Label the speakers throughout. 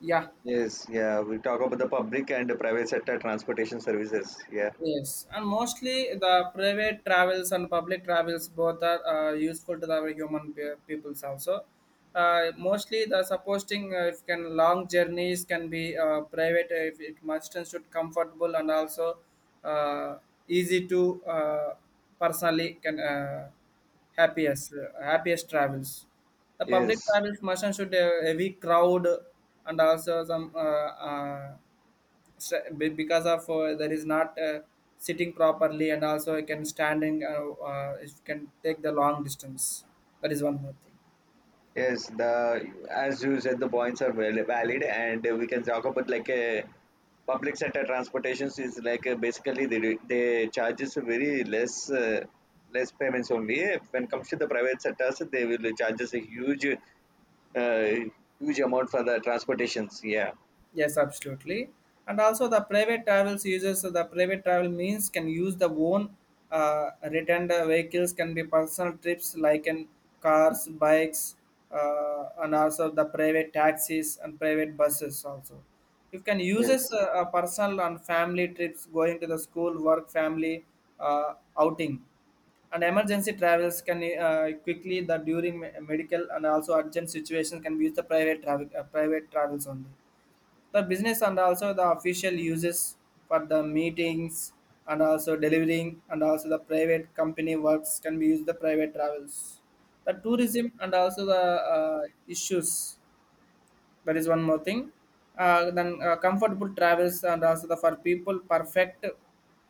Speaker 1: Yeah,
Speaker 2: Yes, yeah, we talk about the public and the private sector transportation services. Yeah,
Speaker 1: yes, and mostly the private travels and public travels both are useful to our human peoples also. Mostly the supposing if can long journeys can be private if it must and should comfortable and also uh, easy to personally can happiest travels. The public
Speaker 2: yes,
Speaker 1: travels must and should have heavy crowd and also some because of there is not sitting properly and also I can standing it can take the long distance, that is one more thing.
Speaker 2: yes. The As you said, the points are well valid, and we can talk about like a public sector transportations is like basically they charges very less payments only. When comes to the private sectors, they will charges a uh, huge amount for the transportations. Yeah.
Speaker 1: Yes, absolutely. And also the private travels uses the private travel means can use the own returned vehicles can be personal trips like in cars, bikes, and also the private taxis and private buses also. You can use this
Speaker 2: Yes.
Speaker 1: personal and family trips going to the school, work, family uh, outing. And emergency travels can quickly the during medical and also urgent situations can be used the private travels only, the business and also the official uses for the meetings and also delivering and also the private company works can be used the private travels, the tourism and also the uh, issues, that is one more thing. Then comfortable travels and also the for people perfect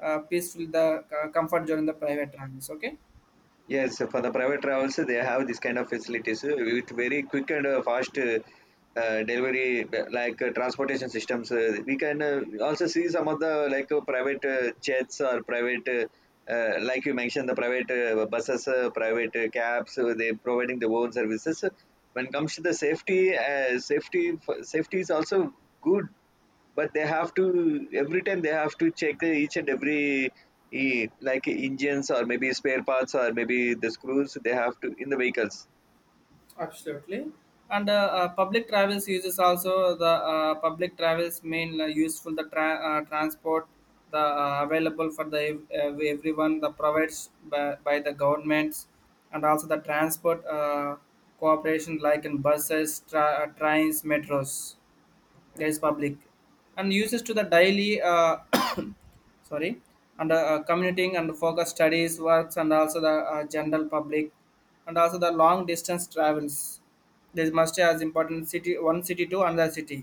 Speaker 1: peaceful the comfort during the private travels, okay.
Speaker 2: Yes, so for the private travels, they have this kind of facilities with very quick and fast delivery, like transportation systems. We can also see some of the like private jets or like you mentioned, the private buses, private cabs. They providing the own services. When it comes to the safety is also good, but they have to every time they have to check each and every like engines or maybe spare parts or maybe the screws they have to in the vehicles.
Speaker 1: Absolutely. And public travels uses also the public travels main useful the transport, the available for the everyone the provides by the governments, and also the transport cooperation like in buses, trains, metros. There is public and uses to the daily sorry, and commuting and focus studies works and also the general public, and also the long distance travels, this must be as important city, one city to another city,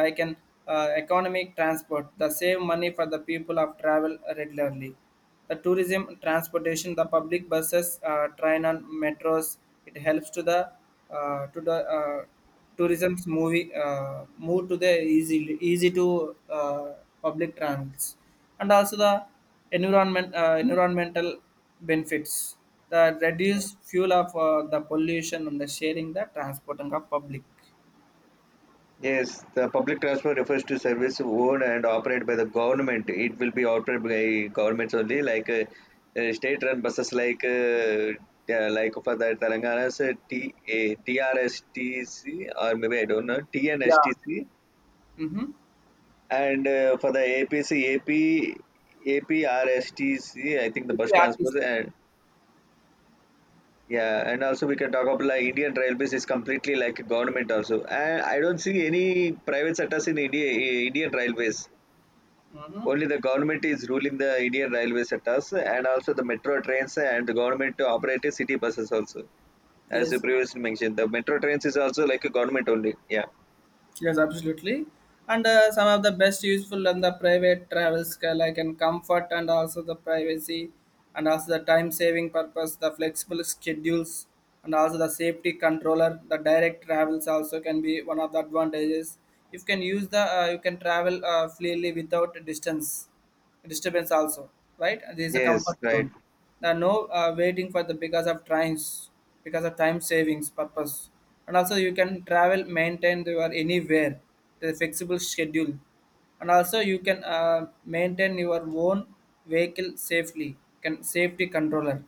Speaker 1: like an economic transport, the save money for the people of travel regularly, the tourism transportation, the public buses train and metros, it helps to the uh, to the uh, tourism's movie move to the easy to public transit, and also the environmental benefits, the reduced fuel of the pollution and the sharing the transporting of public.
Speaker 2: Yes, the public transport refers to service owned and operated by the government. It will be operated by governments only, like state run buses like yeah, like for the Telangana's T, A, TRSTC, or maybe I don't know,
Speaker 1: Yeah.
Speaker 2: TNSTC.
Speaker 1: Mm-hmm.
Speaker 2: And for the APC, AP, APRSTC, I think the
Speaker 1: With
Speaker 2: bus
Speaker 1: the
Speaker 2: transport, and yeah, and also we can talk about like Indian Railways is completely like a government also, and I don't see any private sectors in India, Indian Railways.
Speaker 1: hmm.
Speaker 2: Only the government is ruling the Indian railway sectors, and also the metro trains and the government operated city buses also. As you
Speaker 1: Yes,
Speaker 2: previously mentioned, the metro trains is also like a government only. Yeah.
Speaker 1: yes, absolutely. And some of the best useful and the private travels like and comfort and also the privacy, and also the time saving purpose, the flexible schedules, and also the safety controller, the direct travels also can be one of the advantages. You can use the you can travel freely without distance. Disturbance also, right? And there is a
Speaker 2: Yes.
Speaker 1: comfort
Speaker 2: Right.
Speaker 1: zone. There are no waiting for the because of times, because of time savings purpose, and also you can travel, maintain your anywhere, the flexible schedule, and also you can maintain your own vehicle safely. Can safety controller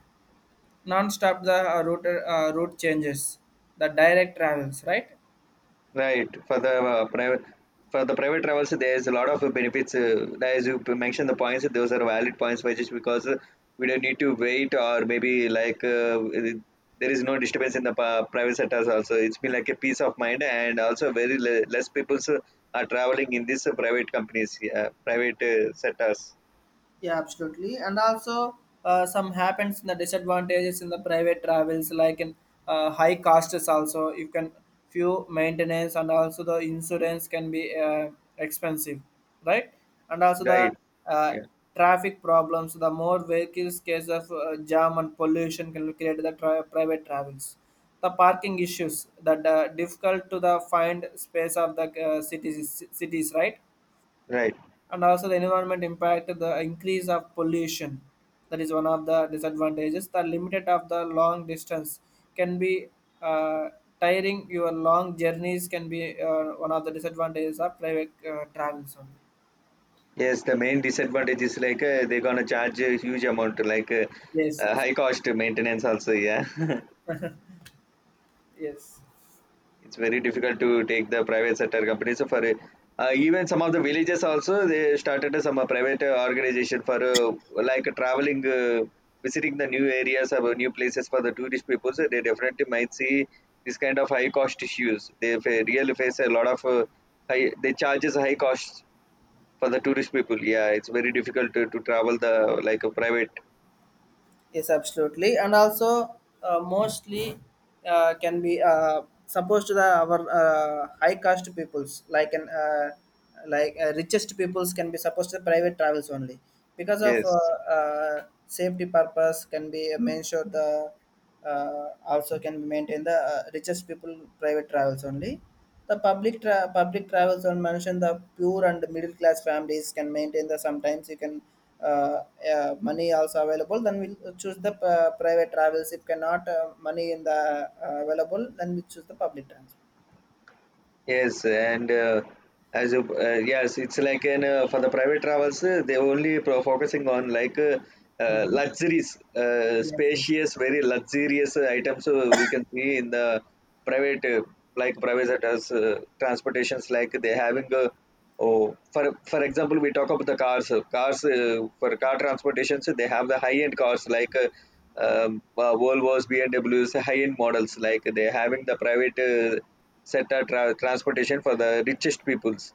Speaker 1: non-stop the route changes, the direct travels, right?
Speaker 2: Right. For the private travels, there's a lot of benefits. As you mentioned, the points, those are valid points, which just because we don't need to wait or maybe like there is no disturbance in the private sectors. Also, it's been like a peace of mind, and also very less people are traveling in these private companies, private sectors.
Speaker 1: Yeah, absolutely. And also, some happens in the disadvantages in the private travels, like in high costs. Also, you can few maintenance and also the insurance can be expensive, right? And also
Speaker 2: Right.
Speaker 1: the uh,
Speaker 2: Yeah.
Speaker 1: traffic problems. The more vehicles, case of jam and pollution can create the private travels. The parking issues that difficult to the find space of the cities, right?
Speaker 2: Right.
Speaker 1: And also the environment impact, the increase of pollution, that is one of the disadvantages, the limited of the long distance can be uh, tiring, your long journeys can be one of the disadvantages of private travels only.
Speaker 2: Yes. The main disadvantage is like they're gonna charge a huge amount, like
Speaker 1: Yes, yes,
Speaker 2: high cost maintenance. Also, yeah.
Speaker 1: yes.
Speaker 2: It's very difficult to take the private sector companies for even some of the villages also they started some private organization for like traveling visiting the new areas or new places for the tourist people, so they definitely might see this kind of high cost issues they really face a lot of high, they charges high costs for the tourist people. Yeah, it's very difficult to travel the like a private.
Speaker 1: Yes, absolutely, and also mostly can be supposed to the our high caste peoples like an like richest peoples can be supposed to private travels only because of
Speaker 2: Yes.
Speaker 1: safety purpose can be made sure the also can maintain the richest people private travels only, the public travels on mentioned the poor and middle class families can maintain the sometimes you can uh, money also available, then we'll choose the private travels, if cannot money in the available, then we choose the public transport.
Speaker 2: Yes, and as a, yes, it's like an for the private travels, they only focusing on like
Speaker 1: Hmm.
Speaker 2: luxuries,
Speaker 1: Yes, yes,
Speaker 2: spacious, very luxurious items, we can see in the private, like private sectors, transportations, like they having a. Oh, for example, we talk about the cars. Cars, for car transportations, they have the high-end cars like Volvo's, BMWs, high-end models. Like they having the private sector transportation for the richest peoples.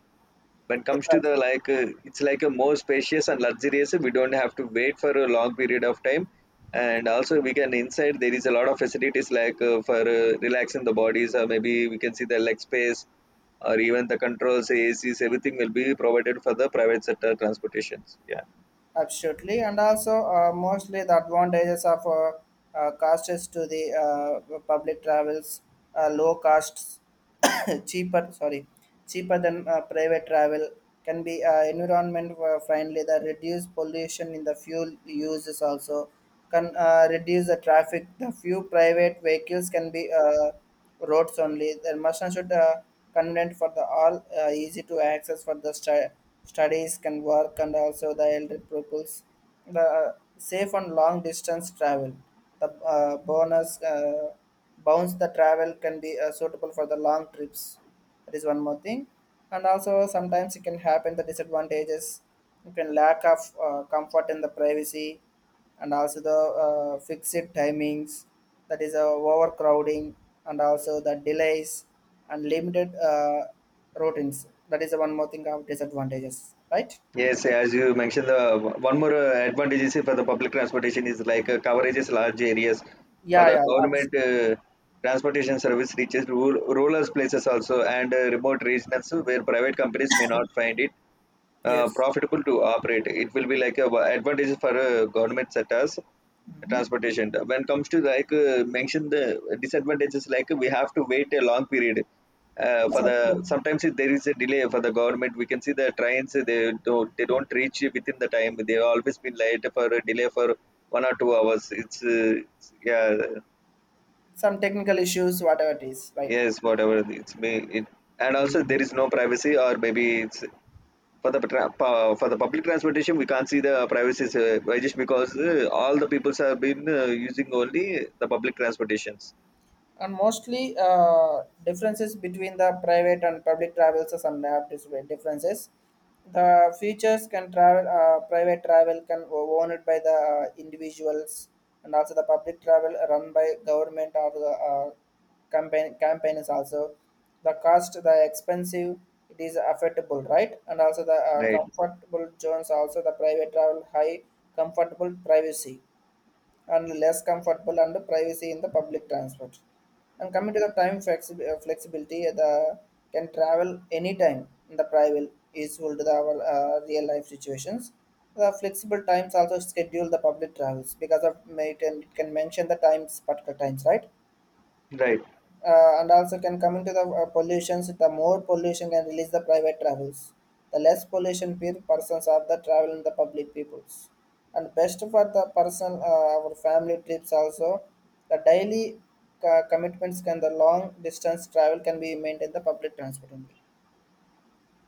Speaker 2: When it
Speaker 1: yes
Speaker 2: comes to
Speaker 1: sir.
Speaker 2: the like it's like a more spacious and luxurious, we don't have to wait for a long period of time, and also we can inside there is a lot of facilities like for relaxing the bodies or maybe we can see the leg space or even the controls acs, everything will be provided for the private sector transportations.
Speaker 1: Absolutely, and also mostly the advantages of costs to the public travels, low costs, cheaper, sorry, cheaper than private travel, can be environment friendly. The reduced pollution in the fuel uses also can reduce the traffic. The few private vehicles can be. Roads only. The machine should convenient for the all, easy to access for the studies, can work, and also the elder pupils. The safe and long distance travel. The bonus bounce the travel can be suitable for the long trips. That is one more thing, and also sometimes it can happen the disadvantages. You can lack of comfort in the privacy, and also the fixed timings, that is overcrowding, and also the delays, and limited routines, that is the one more thing of disadvantages, right?
Speaker 2: Yes, as you mentioned, the one more advantage is for the public transportation is like coverage is large areas. For
Speaker 1: Yeah,
Speaker 2: the
Speaker 1: yeah, abs-.
Speaker 2: government transportation service reaches rural places also and remote regions where private companies may not find it
Speaker 1: Yes.
Speaker 2: profitable to operate. It will be like a advantage for government sectors
Speaker 1: Mhm.
Speaker 2: transportation. When comes to like mention the disadvantages, like we have to wait a long period. For the sometimes if there is a delay for the government, we can see the trains they don't reach within the time, they always been late for a delay for 1 or 2 hours. It's yeah.
Speaker 1: Some technical issues, whatever it is, right?
Speaker 2: Yes, whatever it's me it, and also there is no privacy or maybe it's for the public transportation, we can't see the privacy why, just because all the peoples have been using only the public transportations.
Speaker 1: And mostly differences between the private and public travels are some differences, the features can travel private travel can owned by the individuals, and also the public travel run by government or the campaigns also, the cost the expensive, it is affordable, right? And also the
Speaker 2: Right.
Speaker 1: comfortable zones also, the private travel high comfortable privacy, and less comfortable and privacy in the public transport. And coming to the time flexibility, the can travel anytime in the private is equal to the, our real life situations. The flexible times also schedule the public travels because of it, and it can mention the times, particular times, right?
Speaker 2: Right.
Speaker 1: And also can come into the pollutions, the more pollution can release the private travels, the less pollution per persons of the travel in the public peoples, and best for the person our family trips also, the daily commitments can the long distance travel can be maintained the public transport only,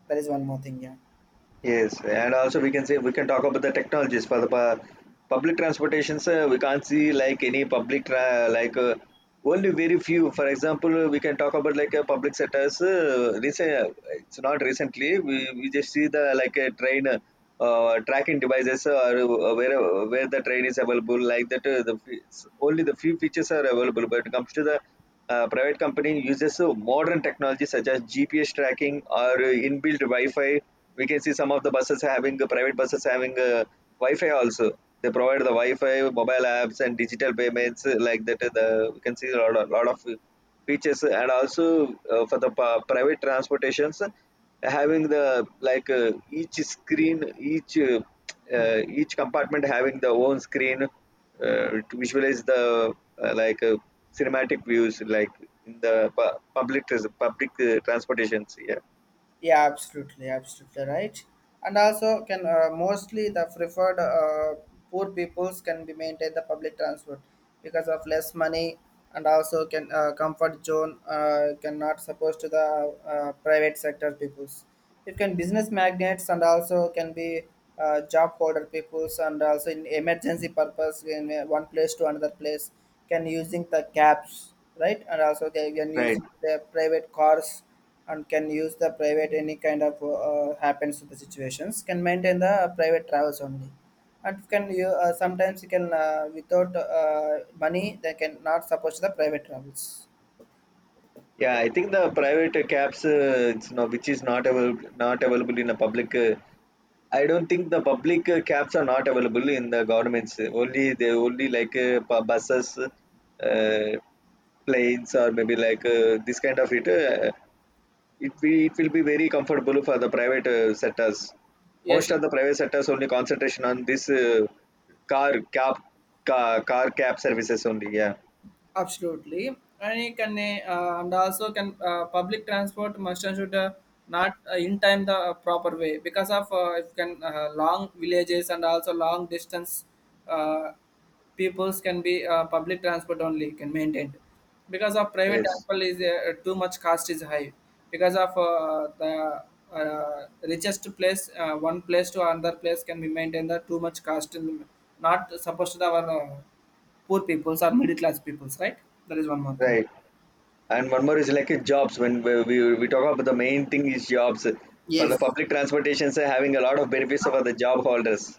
Speaker 1: that is one more thing. Yeah.
Speaker 2: Yes, and also we can talk about the technologies for the public transportations. We can't see like any like only very few. For example, we can talk about like a public sectors. Recent, it's not recently. We just see the like a train tracking devices or where the train is available. Like that, the only the few features are available. But it comes to the private company uses modern technology such as GPS tracking or inbuilt Wi-Fi. We can see some of the buses having private buses having Wi-Fi also. They provide the Wi-Fi, mobile apps, and digital payments like that. The, we can see a lot, lot of features, and also for the private transportations having the like each screen, each uh, each compartment having the own screen to visualize the like cinematic views like in the public transportations. Yeah.
Speaker 1: Yeah, absolutely, absolutely right. And also, can mostly the preferred poor peoples can be maintained the public transport because of less money, and also can comfort zone cannot suppose to the private sector peoples. It can business magnates and also can be job holder peoples, and also in emergency purpose in one place to another place can using the cabs, right? And also they can
Speaker 2: Right.
Speaker 1: use their private cars, and can use the private any kind of happens to the situations, can maintain the private travels only, and can you sometimes you can without money they can not support the private travels.
Speaker 2: Yeah, I think the private cabs, it's not, which is not available in the public. I don't think the public cabs are not available in the governments. Only they only like buses, planes, or maybe like this kind of it. It will be very comfortable for the private sectors.
Speaker 1: Yes,
Speaker 2: Most of the private sectors only concentration on this car cab car cab services only. Yeah.
Speaker 1: absolutely, and you can and also can public transport must and should not in time the proper way because of if can long villages and also long distance uh, peoples can be public transport only can maintain, because of private
Speaker 2: Yes.
Speaker 1: transport is too much cost is high, because of the richest place one place to another place can be maintained the too much cost, and not supposed to the our poor peoples or middle class peoples, right? That is one more thing.
Speaker 2: Right. And one more is like jobs. When we talk about, the main thing is jobs. For the
Speaker 1: Yes,
Speaker 2: public transportation, are having a lot of benefits for the job holders.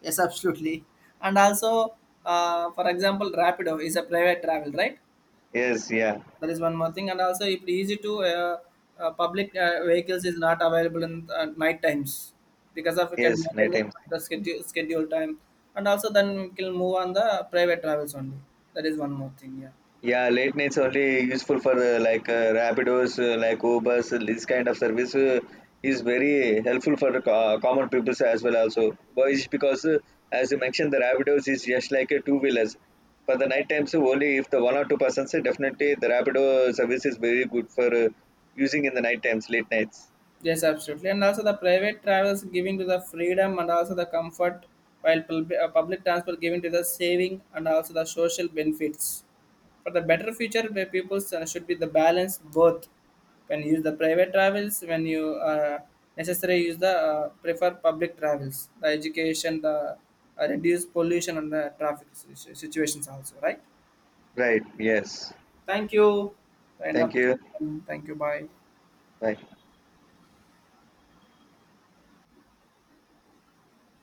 Speaker 1: yes, absolutely. And also, for example, Rapido is a private travel, right?
Speaker 2: Yes, yeah,
Speaker 1: That is one more thing. And also, it's easy to public vehicles is not available in night times because of you can
Speaker 2: yes,
Speaker 1: maintain
Speaker 2: night time.
Speaker 1: the schedule time. And also, then we can move on the private travels only. That is one more thing. Yeah.
Speaker 2: Yeah, late nights only useful for like Rapidos, like Ubers, this kind of service is very helpful for the common people as well. Also, why is because as you mentioned, the Rapidos is just like a two wheelers. For the night times, only if the one or two persons, definitely the Rapido service is very good for using in the night times, late nights.
Speaker 1: Yes, absolutely. And also the private travels giving to the freedom and also the comfort, while public transport giving to the saving and also the social benefits. For the better future, the people should be the balance both. When you use the private travels, when you necessary use the prefer public travels, the education, the reduce pollution and the traffic situations also, right?
Speaker 2: Right. Yes.
Speaker 1: Thank you. End
Speaker 2: Thank
Speaker 1: up.
Speaker 2: you.
Speaker 1: Thank you. Bye.
Speaker 2: Bye.